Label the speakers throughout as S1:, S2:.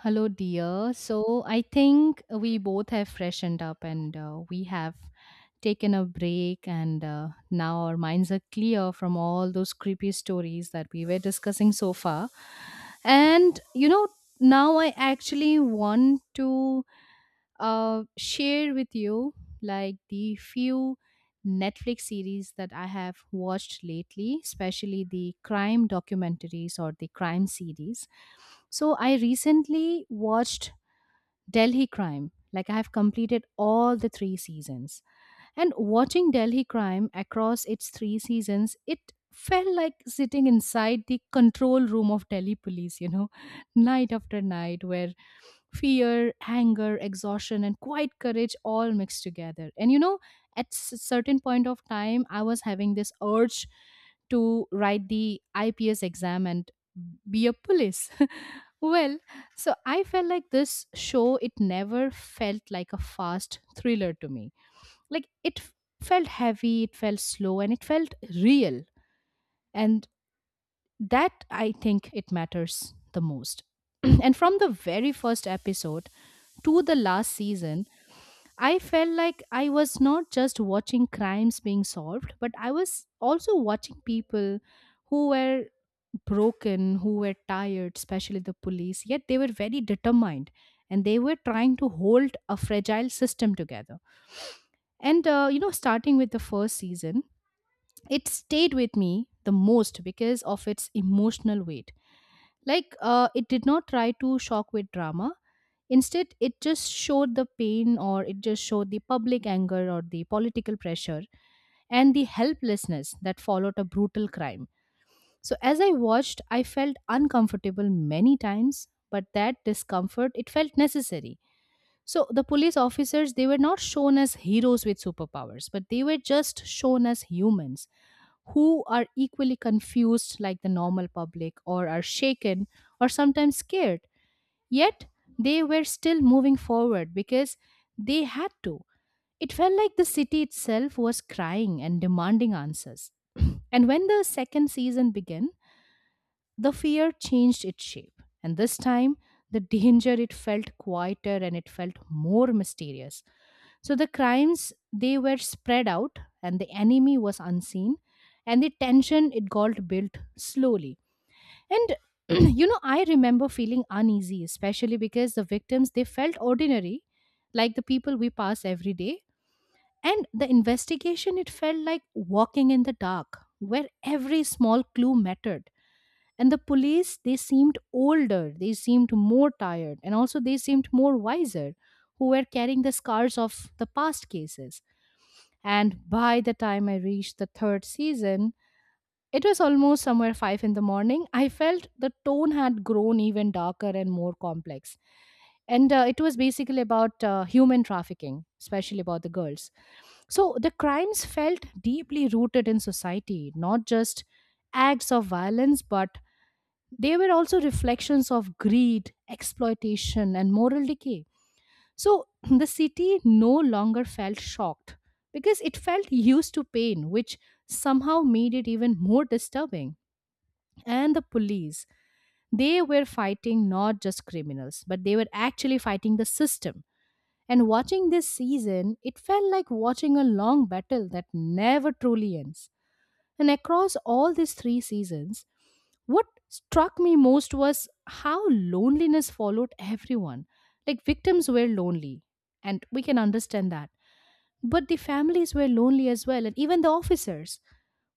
S1: Hello, dear. So I think we both have freshened up and we have taken a break, and now our minds are clear from all those creepy stories that we were discussing so far. And you know, now I actually want to share with you like the few Netflix series that I have watched lately, especially the crime documentaries or the crime series. So I recently watched Delhi Crime. Like I have completed all the three seasons. And watching Delhi crime across its three seasons, it felt like sitting inside the control room of Delhi police, you know, night after night, where fear, anger, exhaustion, and quiet courage all mixed together. And you know, at certain point of time, I was having this urge to write the IPS exam and be a police. Well, so I felt like this show, it never felt like a fast thriller to me, like it felt heavy, it felt slow, and it felt real. And that, I think, it matters the most. And from the very first episode to the last season, I felt like I was not just watching crimes being solved, but I was also watching people who were broken, who were tired, especially the police, yet they were very determined and they were trying to hold a fragile system together. And you know, starting with the first season, it stayed with me the most because of its emotional weight. Like, it did not try to shock with drama. Instead, it just showed the pain, or it just showed the public anger or the political pressure and the helplessness that followed a brutal crime. So, as I watched, I felt uncomfortable many times, but that discomfort, it felt necessary. So, the police officers, they were not shown as heroes with superpowers, but they were just shown as humans who are equally confused like the normal public, or are shaken or sometimes scared. Yet they were still moving forward because they had to. It felt like the city itself was crying and demanding answers. And when the second season began, the fear changed its shape. And this time, the danger, it felt quieter and it felt more mysterious. So the crimes, they were spread out and the enemy was unseen, and the tension, it got built slowly. And you know, I remember feeling uneasy, especially because the victims, they felt ordinary, like the people we pass every day. And the investigation, it felt like walking in the dark, where every small clue mattered. And the police, they seemed older, they seemed more tired, and also they seemed more wiser, who were carrying the scars of the past cases. And by the time I reached the third season, it was almost somewhere 5 in the morning. I felt the tone had grown even darker and more complex. And it was basically about human trafficking, especially about the girls. So the crimes felt deeply rooted in society, not just acts of violence, but they were also reflections of greed, exploitation, and moral decay. So the city no longer felt shocked because it felt used to pain, which somehow made it even more disturbing. And the police, they were fighting not just criminals, but they were actually fighting the system. And watching this season, it felt like watching a long battle that never truly ends. And across all these three seasons, what struck me most was how loneliness followed everyone. Like, victims were lonely, and we can understand that. But the families were lonely as well, and even the officers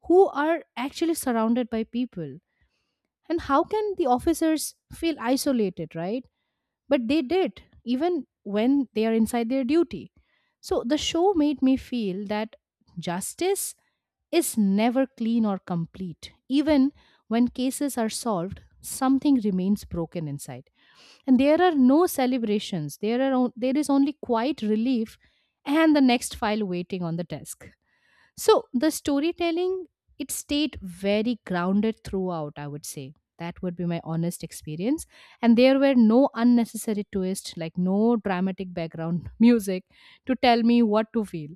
S1: who are actually surrounded by people. And how can the officers feel isolated, right? But they did, even when they are inside their duty. So the show made me feel that justice is never clean or complete. Even when cases are solved, something remains broken inside. And there are no celebrations. There is only quiet relief and the next file waiting on the desk. So the storytelling, it stayed very grounded throughout, I would say. That would be my honest experience. And there were no unnecessary twists, like no dramatic background music to tell me what to feel.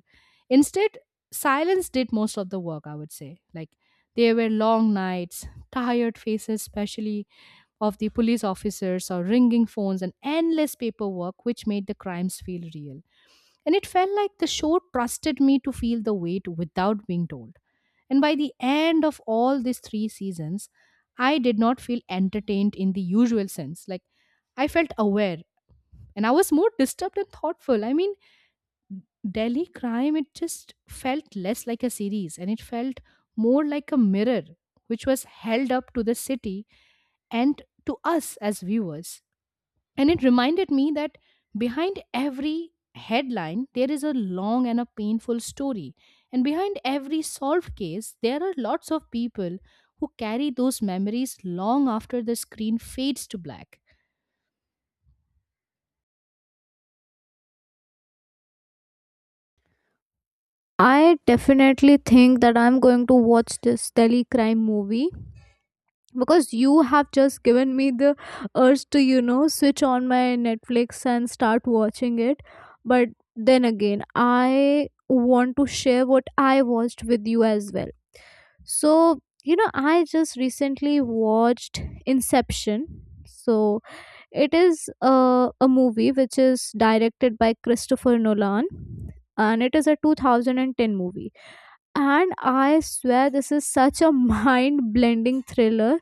S1: Instead, silence did most of the work, I would say. Like, there were long nights, tired faces, especially of the police officers, or ringing phones, and endless paperwork, which made the crimes feel real. And it felt like the show trusted me to feel the weight without being told. And by the end of all these three seasons, I did not feel entertained in the usual sense. Like, I felt aware, and I was more disturbed and thoughtful. I mean, Delhi Crime, it just felt less like a series and it felt more like a mirror which was held up to the city and to us as viewers. And it reminded me that behind every headline, there is a long and a painful story. And behind every solved case, there are lots of people who carry those memories long after the screen fades to black.
S2: I definitely think that I'm going to watch this Delhi crime movie because you have just given me the urge to, you know, switch on my Netflix and start watching it. But then again, I want to share what I watched with you as well. So, you know, I just recently watched Inception. So, it is a movie which is directed by Christopher Nolan, and it is a 2010 movie. And I swear this is such a mind blending thriller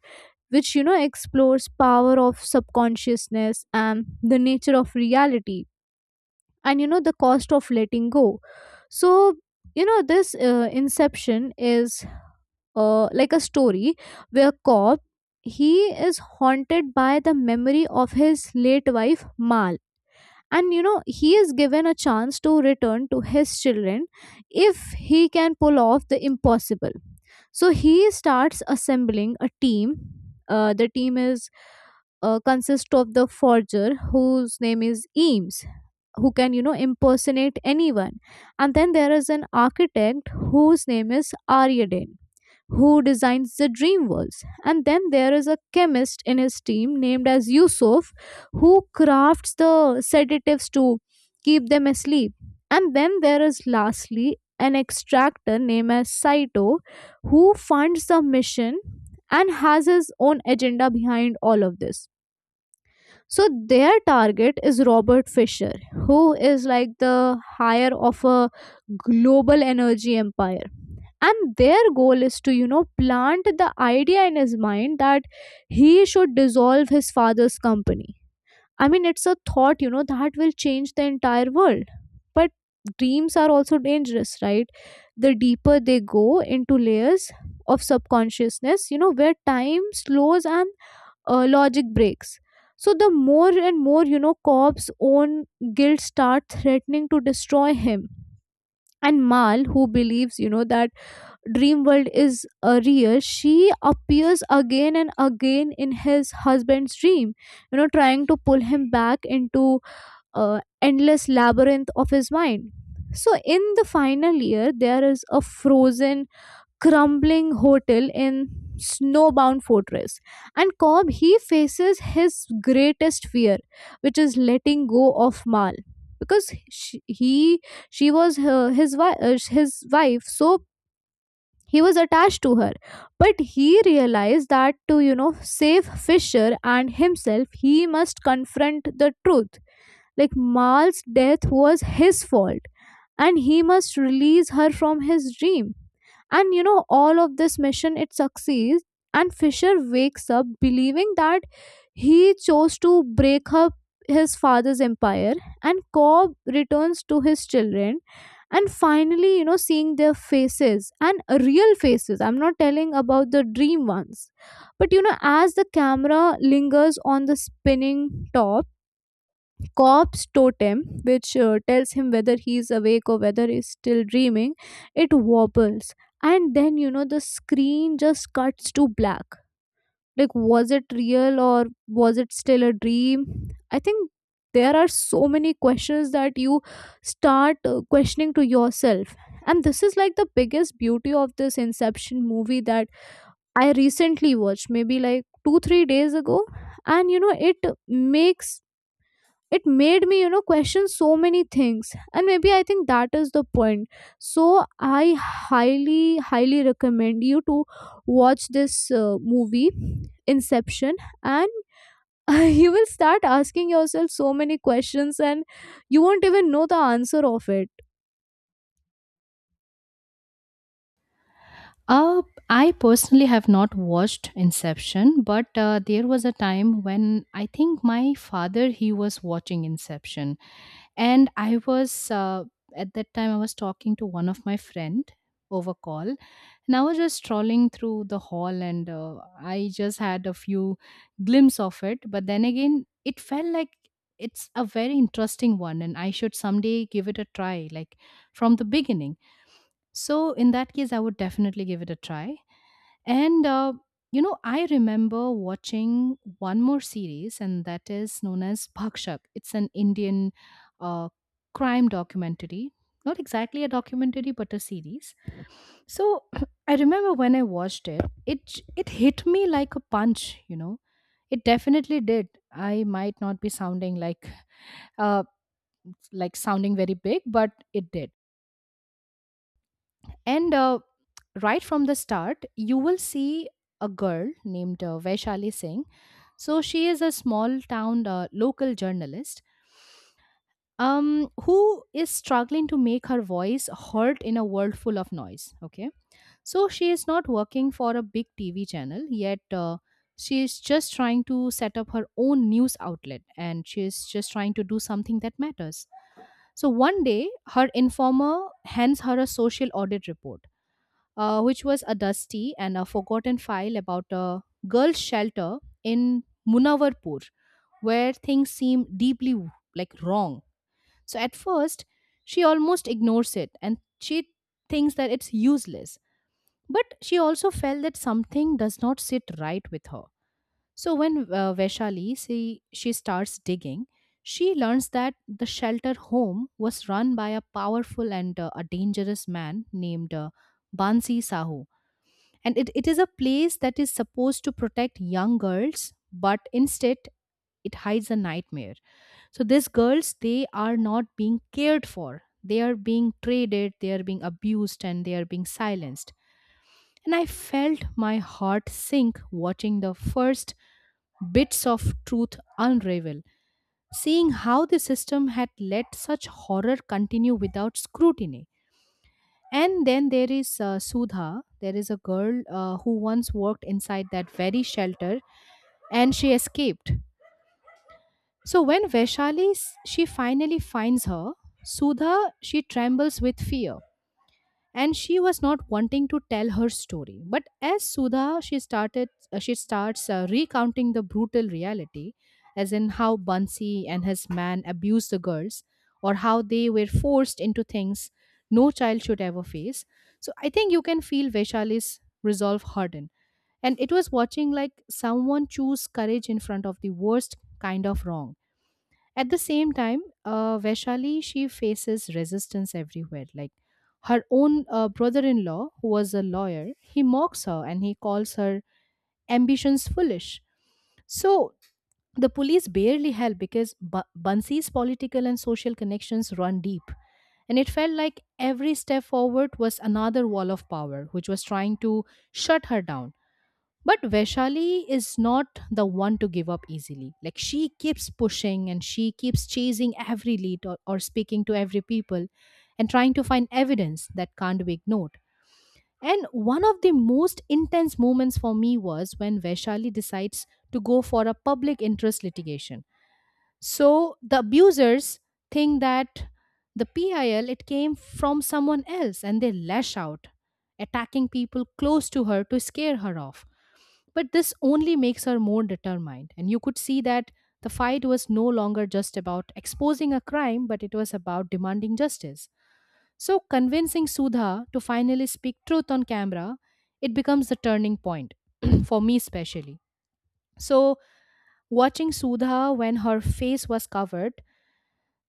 S2: which, you know, explores power of subconsciousness and the nature of reality and, you know, the cost of letting go. So, you know, this inception is, like a story where cop, he is haunted by the memory of his late wife Mal. And, you know, he is given a chance to return to his children if he can pull off the impossible. So he starts assembling a team. The team is consists of the forger whose name is eames, who can, you know, impersonate anyone. And then there is an architect whose name is Aryadin, who designs the dream worlds. And then there is a chemist in his team named as Yusuf, who crafts the sedatives to keep them asleep. And then there is lastly an extractor named as Saito, who funds the mission and has his own agenda behind all of this. So their target is Robert Fisher, who is like the hire of a global energy empire, and their goal is to, you know, plant the idea in his mind that he should dissolve his father's company. I mean, it's a thought, you know, that will change the entire world. But dreams are also dangerous, right? The deeper they go into layers of subconsciousness, you know, where time slows and logic breaks. So the more and more, you know, cobb's own guilt start threatening to destroy him. And mal, who believes, you know, that dream world is, real, she appears again and again in his husband's dream, you know, trying to pull him back into endless labyrinth of his mind. So in the final year, there is a frozen crumbling hotel in snowbound fortress, and cobb, he faces his greatest fear, which is letting go of mal, because he his wife, so he was attached to her. But he realized that to, you know, save fisher and himself, he must confront the truth. Like mal's death was his fault, and he must release her from his dream. And, you know, all of this mission, it succeeds, and Fisher wakes up believing that he chose to break up his father's empire, and Cobb returns to his children and finally, you know, seeing their faces and real faces. I'm not telling about the dream ones. But you know, as the camera lingers on the spinning top corpse totem, which tells him whether he is awake or whether he's still dreaming, it wobbles. And then, you know, the screen just cuts to black. Like, was it real or was it still a dream? I think there are so many questions that you start questioning to yourself. And this is like the biggest beauty of this Inception movie that I recently watched, maybe like two, 3 days ago. And, you know, makes it made me, you know, question so many things, and maybe I think that is the point. So I highly highly recommend you to watch this movie, inception, and you will start asking yourself so many questions and you won't even know the answer of it.
S1: Uh, I personally have not watched Inception, but there was a time when I think my father, he was watching Inception, and I was at that time, I was talking to one of my friend over call, and I was just strolling through the hall, and I just had a few glimpse of it. But then again, it felt like it's a very interesting one and I should someday give it a try, like from the beginning. So in that case, I would definitely give it a try. And you know, I remember watching one more series, and that is known as Bhakshak. It's an Indian uh, crime documentary. Not exactly a documentary, but a series. So I remember when I watched it, it it hit me like a punch. You know, it definitely did. I might not be sounding like uh, like sounding very big, but it did. And right from the start, you will see a girl named Vaishali Singh. So she is a small town local journalist, who is struggling to make her voice heard in a world full of noise. Okay. So she is not working for a big TV channel yet. She is just trying to set up her own news outlet and she is just trying to do something that matters. So one day, her informer hands her a social audit report, which was a dusty and a forgotten file about a girls' shelter in Munawarpur where things seem deeply like wrong. So at first, she almost ignores it and she thinks that it's useless. But she also felt that something does not sit right with her. So when Vaishali she starts digging, she learns that the shelter home was run by a powerful and a dangerous man named Bansi Sahu. And it is a place that is supposed to protect young girls, but instead it hides a nightmare. So these girls, they are not being cared for. They are being traded, they are being abused, and they are being silenced. And I felt my heart sink watching the first bits of truth unravel, seeing how the system had let such horror continue without scrutiny. And then there is Sudha. There is a girl who once worked inside that very shelter and she escaped. So when she finally finds her, Sudha, she trembles with fear and she was not wanting to tell her story. But as Sudha, she starts recounting the brutal reality, as in how Bansi and his man abused the girls or how they were forced into things no child should ever face. So I think you can feel Vaishali's resolve harden, and it was watching like someone choose courage in front of the worst kind of wrong. At the same time, Vaishali, she faces resistance everywhere. Like her own brother-in-law, who was a lawyer, he mocks her and he calls her ambitions foolish. So the police barely help because Bansi's political and social connections run deep, and it felt like every step forward was another wall of power, which was trying to shut her down. But Vaishali is not the one to give up easily. Like, she keeps pushing and she keeps chasing every lead, or speaking to every people and trying to find evidence that can't be ignored. And one of the most intense moments for me was when Vaishali decides to go for a public interest litigation. So the abusers think that the PIL, it came from someone else, and they lash out, attacking people close to her to scare her off. But this only makes her more determined. And you could see that the fight was no longer just about exposing a crime, but it was about demanding justice. So, convincing Sudha to finally speak truth on camera, it becomes the turning point, for me especially. So, watching Sudha when her face was covered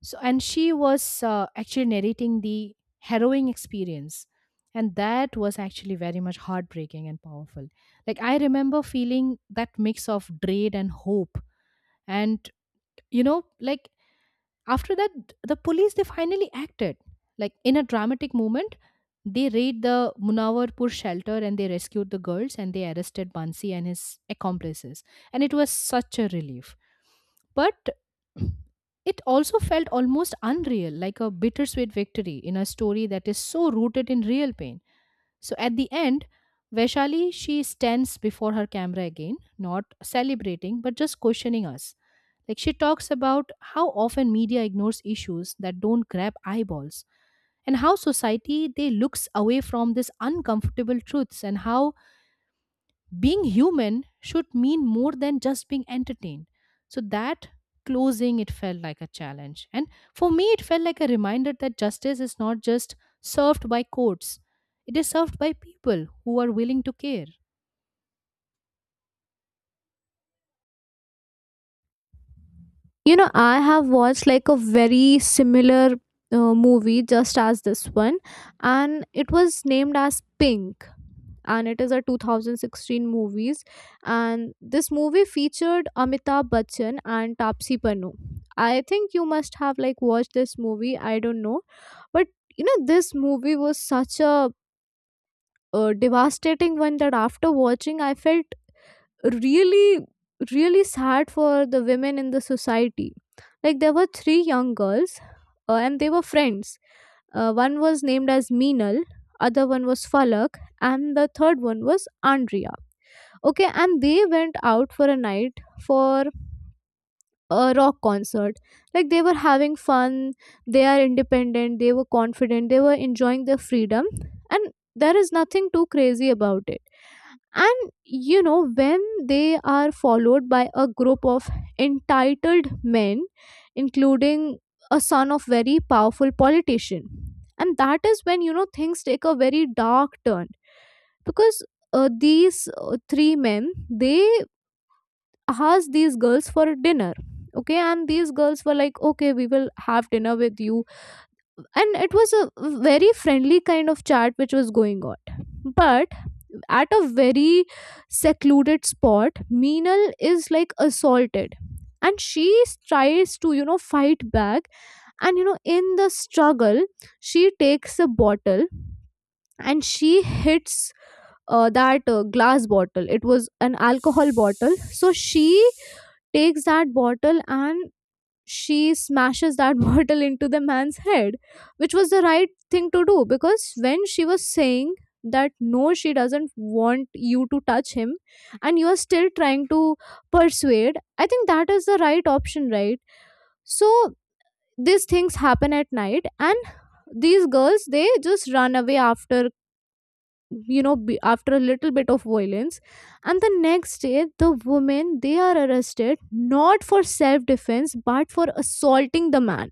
S1: so and she was actually narrating the harrowing experience, and that was actually very much heartbreaking and powerful. Like I remember feeling that mix of dread and hope. And you know like after that, the police they finally acted, like in a dramatic moment. They raid the Munawwarpur shelter and they rescued the girls and they arrested Bansi and his accomplices, and it was such a relief. But it also felt almost unreal, like a bittersweet victory in a story that is so rooted in real pain. So at the end, Vaishali she stands before her camera again, not celebrating but just questioning us. Like she talks about how often media ignores issues that don't grab eyeballs, and how society they looks away from these uncomfortable truths, and how being human should mean more than just being entertained. So that closing, it felt like a challenge. And for me, it felt like a reminder that justice is not just served by courts, it is served by people who are willing to care.
S2: You know, I have watched like a very similar movie just as this one, and it was named as Pink. And it is a 2016 movies, and this movie featured Amitabh Bachchan and Tapsi Pannu. I think you must have like watched this movie. I don't know, but you know this movie was such a devastating one that after watching I felt really really sad for the women in the society. Like there were three young girls, and they were friends. One was named as meenal, other one was falak, and the third one was andrea. Okay, and they went out for a night for a rock concert. Like they were having fun, they are independent, they were confident, they were enjoying their freedom, and there is nothing too crazy about it. And, you know, when they are followed by a group of entitled men, including a son of very powerful politician, and that is when, you know, things take a very dark turn. Because these three men, they asked these girls for dinner. Okay, and these girls were like, okay, we will have dinner with you. And it was a very friendly kind of chat which was going on. But at a very secluded spot, Meenal is like assaulted. And she tries to, you know, fight back. And, you know, in the struggle, she takes a bottle and she hits that glass bottle. It was an alcohol bottle. So she takes that bottle and she smashes that bottle into the man's head, which was the right thing to do, because when she was saying that no, she doesn't want you to touch him, and you are still trying to persuade, I think that is the right option, right? So, these things happen at night, and these girls, they just run away after, you know, after a little bit of violence. And the next day, the women, they are arrested not for self defense but for assaulting the man.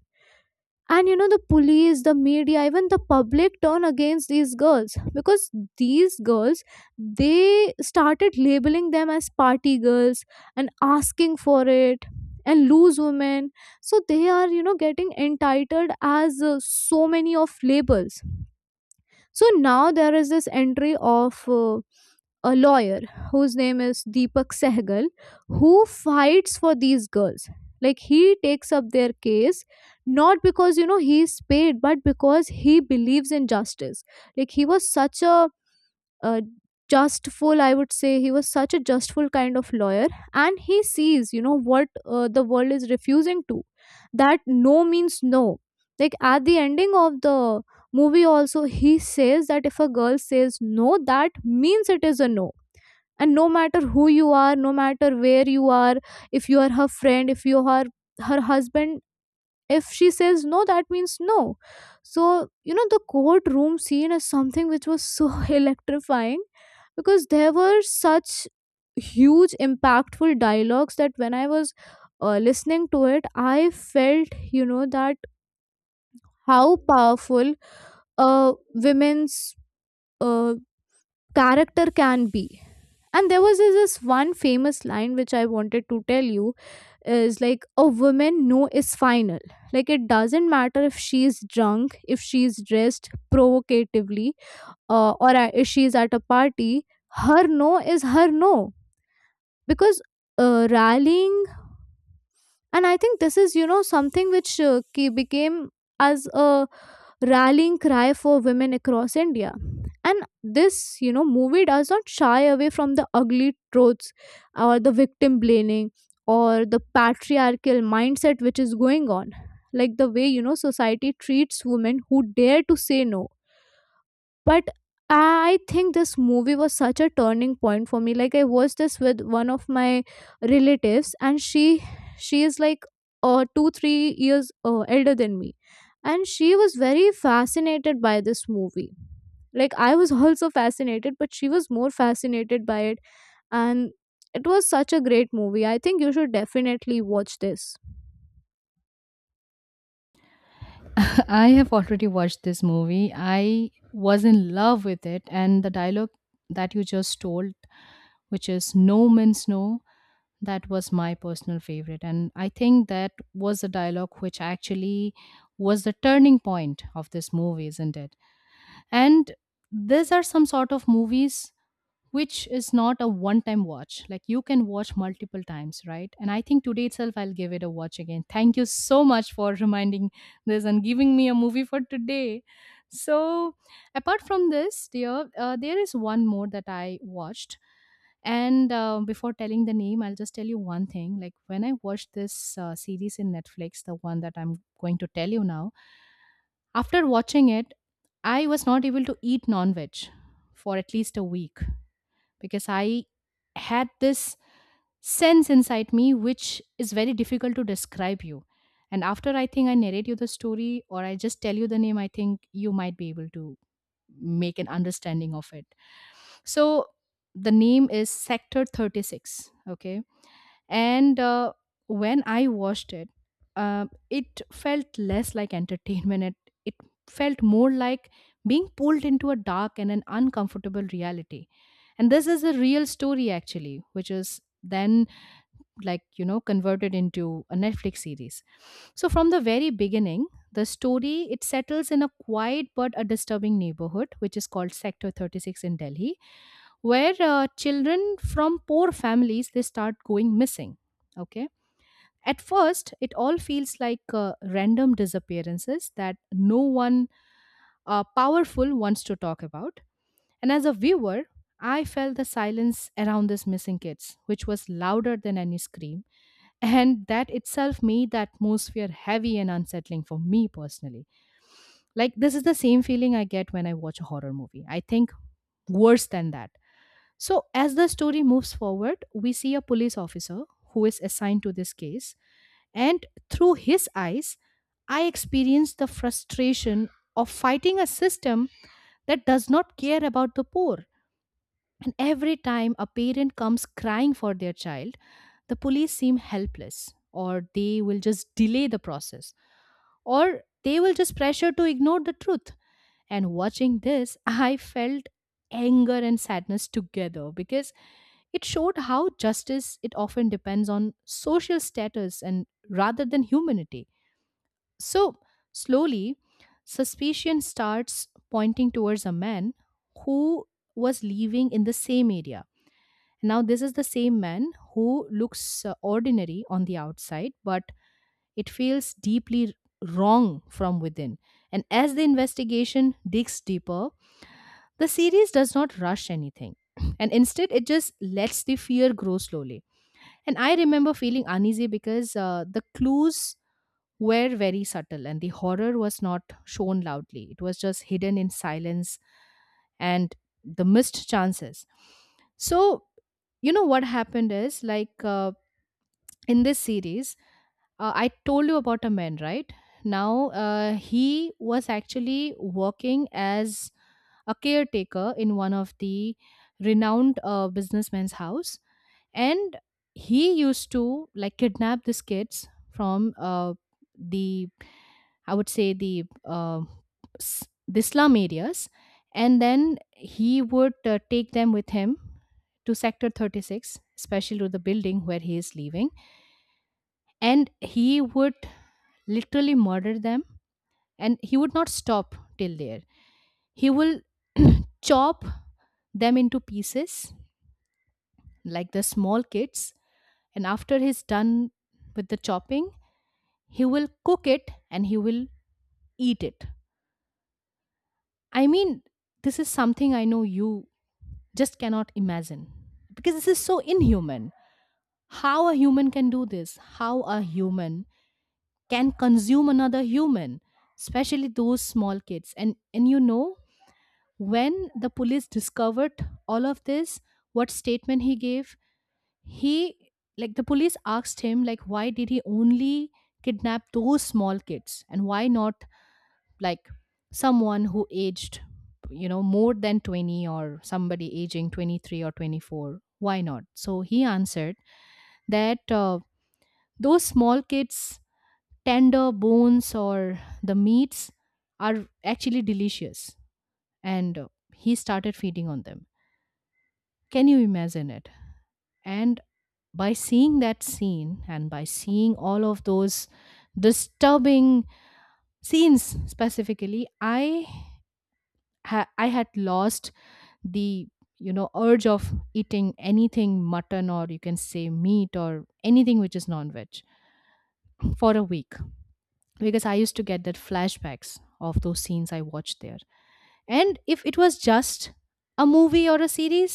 S2: And, you know, the police, the media, even the public turn against these girls because these girls, they started labeling them as party girls and asking for it and lose women. So they are, you know, getting entitled as, so many of labels. So now there is this entry of a lawyer whose name is Deepak Sehgal, who fights for these girls. Like he takes up their case not because, you know, he's paid, but because he believes in justice. Like he was such a justful, I would say, he was such a justful kind of lawyer, and he sees, you know, what the world is refusing to, that no means no. Like at the ending of the movie also, he says that if a girl says no, that means it is a no. And no matter who you are, no matter where you are, if you are her friend, if you are her husband, if she says no, that means no. So, you know, the courtroom scene is something which was so electrifying, because there were such huge impactful dialogues that when I was listening to it, I felt, you know, that how powerful a women's uh, character can be. And there was this one famous line which I wanted to tell you is, like, a woman no is final. Like it doesn't matter if she's drunk, if she's dressed provocatively, or if she's at a party, her no is her no. Because rallying and I think this is, you know, something which became as a rallying cry for women across india. And this, you know, movie does not shy away from the ugly truths or the victim blaming or the patriarchal mindset which is going on, like the way, you know, society treats women who dare to say no. But I think this movie was such a turning point for me. Like I watched this with one of my relatives, and she is like, 2, 3 years elder than me, and she was very fascinated by this movie. Like I was also fascinated, but she was more fascinated by it, and it was such a great movie. I think you should definitely watch this.
S1: I have already watched this movie. I was in love with it. And the dialogue that you just told, which is no means no, that was my personal favorite, and I think that was a dialogue which actually was the turning point of this movie, isn't it? And these are some sort of movies which is not a one time watch. Like you can watch multiple times, right? And I think today itself I'll give it a watch again. Thank you so much for reminding this and giving me a movie for today. So, apart from this, dear, there is one more that I watched. And before telling the name, I'll just tell you one thing. Like when I watched this series in Netflix, the one that I'm going to tell you now, after watching it, I was not able to eat non veg for at least a week, because I had this sense inside me which is very difficult to describe you. And after I think I narrate you the story or I just tell you the name, I think you might be able to make an understanding of it. So the name is Sector 36. Okay, and when I watched it, it felt less like entertainment. It felt more like being pulled into a dark and an uncomfortable reality. And this is a real story actually, which is then, like you know, converted into a Netflix series. So from the very beginning, the story it settles in a quiet but a disturbing neighborhood, which is called Sector 36 in Delhi, where children from poor families they start going missing. Okay, at first it all feels like random disappearances that no one powerful wants to talk about. And as a viewer, I felt the silence around these missing kids, which was louder than any scream, and that itself made the atmosphere heavy and unsettling for me personally. Like this is the same feeling I get when I watch a horror movie, I think worse than that. So as the story moves forward, we see a police officer who is assigned to this case, and through his eyes I experience the frustration of fighting a system that does not care about the poor. And every time a parent comes crying for their child, the police seem helpless, or they will just delay the process, or they will just pressure to ignore the truth. And watching this, I felt anger and sadness together, because it showed how justice it often depends on social status and rather than humanity. So slowly, suspicion starts pointing towards a man who was living in the same area. Now, this is the same man who looks ordinary on the outside, but it feels deeply wrong from within. And as the investigation digs deeper, the series does not rush anything. And instead, it just lets the fear grow slowly. And I remember feeling uneasy because the clues were very subtle and the horror was not shown loudly. It was just hidden in silence and the missed chances. So, you know what happened is like, in this series, I told you about a man, right? Now, he was actually working as a caretaker in one of the renowned businessman's house. And he used to like kidnap these kids from, the, I would say, the uh, s- the slum areas, and then he would take them with him to Sector 36, especially to the building where he is living. And he would literally murder them, and he would not stop till there. He will chop them into pieces, like the small kids. And after he's done with the chopping, he will cook it and he will eat it. I mean, this is something I know you just cannot imagine, because this is so inhuman. How a human can do this? How a human can consume another human, especially those small kids? And you know, when the police discovered all of this, what statement he gave, he, like the police asked him, like, why did he only kidnap those small kids and why not, like, someone who aged, you know, more than 20, or somebody aging 23 or 24, why not? So he answered that, those small kids tender bones or the meats are actually delicious. And he started feeding on them. Can you imagine it? And by seeing that scene and by seeing all of those disturbing scenes specifically, I I had lost the, you know, urge of eating anything mutton, or you can say meat, or anything which is non-veg, for a week, because I used to get that flashbacks of those scenes I watched there. And if it was just a movie or a series,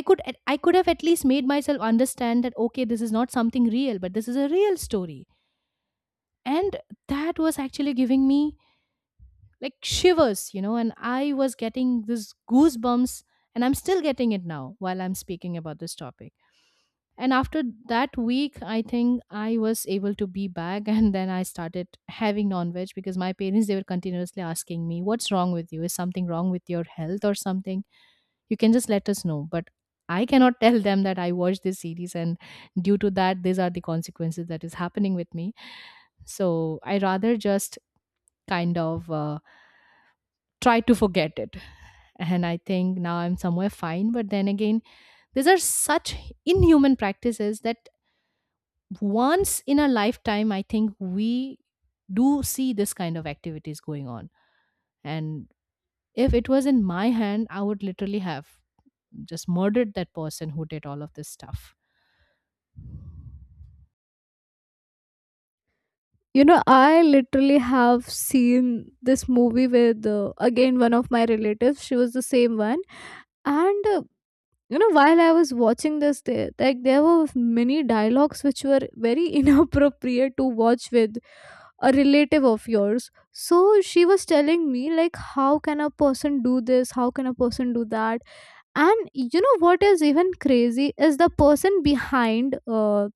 S1: I could I could have at least made myself understand that okay, this is not something real. But this is a real story, and that was actually giving me like shivers, you know, and I was getting this goosebumps, and I'm still getting it now while I'm speaking about this topic. And after that week, I think I was able to be back and then I started having non-veg, because my parents they were continuously asking me, what's wrong with you? Is something wrong with your health or something? You can just let us know. But I cannot tell them that I watched this series and due to that these are the consequences that is happening with me. So I rather just kind of try to forget it. And I think now I'm somewhere fine, but then again, these are such inhuman practices that once in a lifetime, I think we do see this kind of activities going on. And if it was in my hand, I would literally have just murdered that person who did all of this stuff.
S2: You know, I literally have seen this movie with, again, one of my relatives. She was the same one. And you know, while I was watching this, there were many dialogues which were very inappropriate to watch with a relative of yours. So she was telling me like, how can a person do this? How can a person do that? And you know what is even crazy is the person behind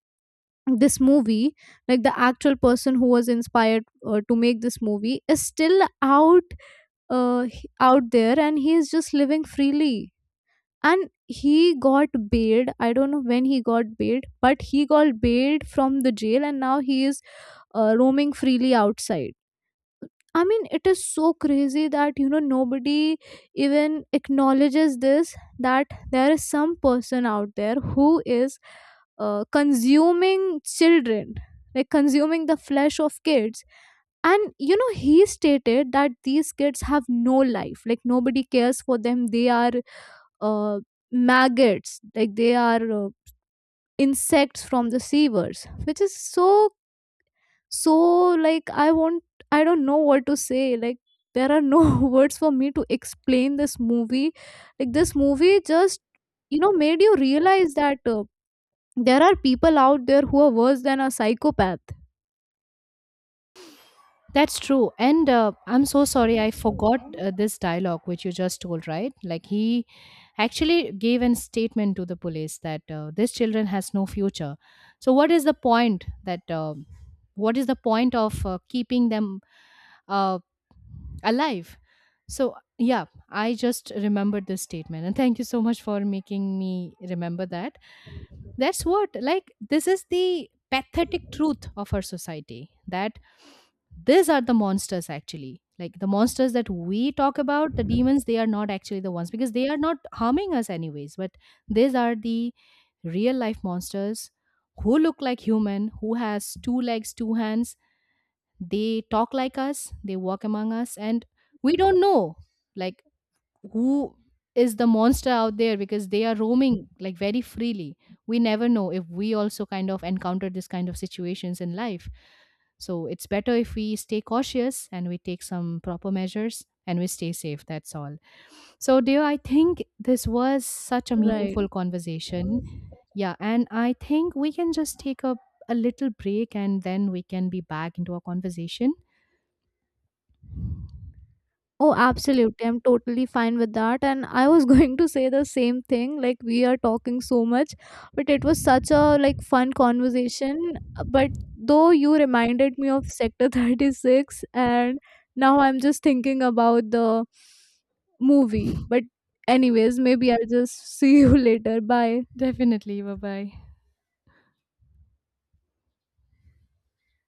S2: this movie, like the actual person who was inspired to make this movie, is still out, out there, and he is just living freely. And he got bailed, I don't know when he got bailed, but he got bailed from the jail, and now he is roaming freely outside. I mean, it is so crazy that, you know, nobody even acknowledges this, that there is some person out there who is consuming children, like consuming the flesh of kids. And, you know, he stated that these kids have no life, like nobody cares for them, they are, uh, maggots, like they are, insects from the sewers, which is so so, like I want, I don't know what to say, like there are no words for me to explain this movie. Like this movie just, you know, made you realize that, there are people out there who are worse than a psychopath.
S1: That's true. And I'm so sorry, I
S2: That's true.
S1: forgot
S2: And
S1: this dialogue which you just told, right? Like he actually gave a statement to the police that this children has no future. So what is the point that what is the point of keeping them uh, alive? So yeah, I just remembered this statement, and thank you so much for making me remember that. That's what, like, this is the pathetic truth of our society that these are the monsters actually. Like, the monsters that we talk about, the demons, they are not actually the ones because they are not harming us, anyways. But these are the real life monsters who look like human, who has two legs, two hands. They talk like us, they walk among us, and we don't know. Like, who is the monster out there, because they are roaming like very freely. We never know if we also kind of encounter this kind of situations in life. So it's better if we stay cautious and we take some proper measures and we stay safe, that's all. So dear, I think this was such a
S2: right.
S1: meaningful conversation. Yeah, and I think we can just take a little break and then we can be back into our conversation.
S2: Oh, absolutely. I'm totally fine with that. And I was going to say the same thing. Like we are talking so much, but it was such a like fun conversation. But though you reminded me of Sector 36, and now I'm just thinking about the movie. But anyways, maybe I'll just see you later. Bye.
S1: Definitely, bye bye.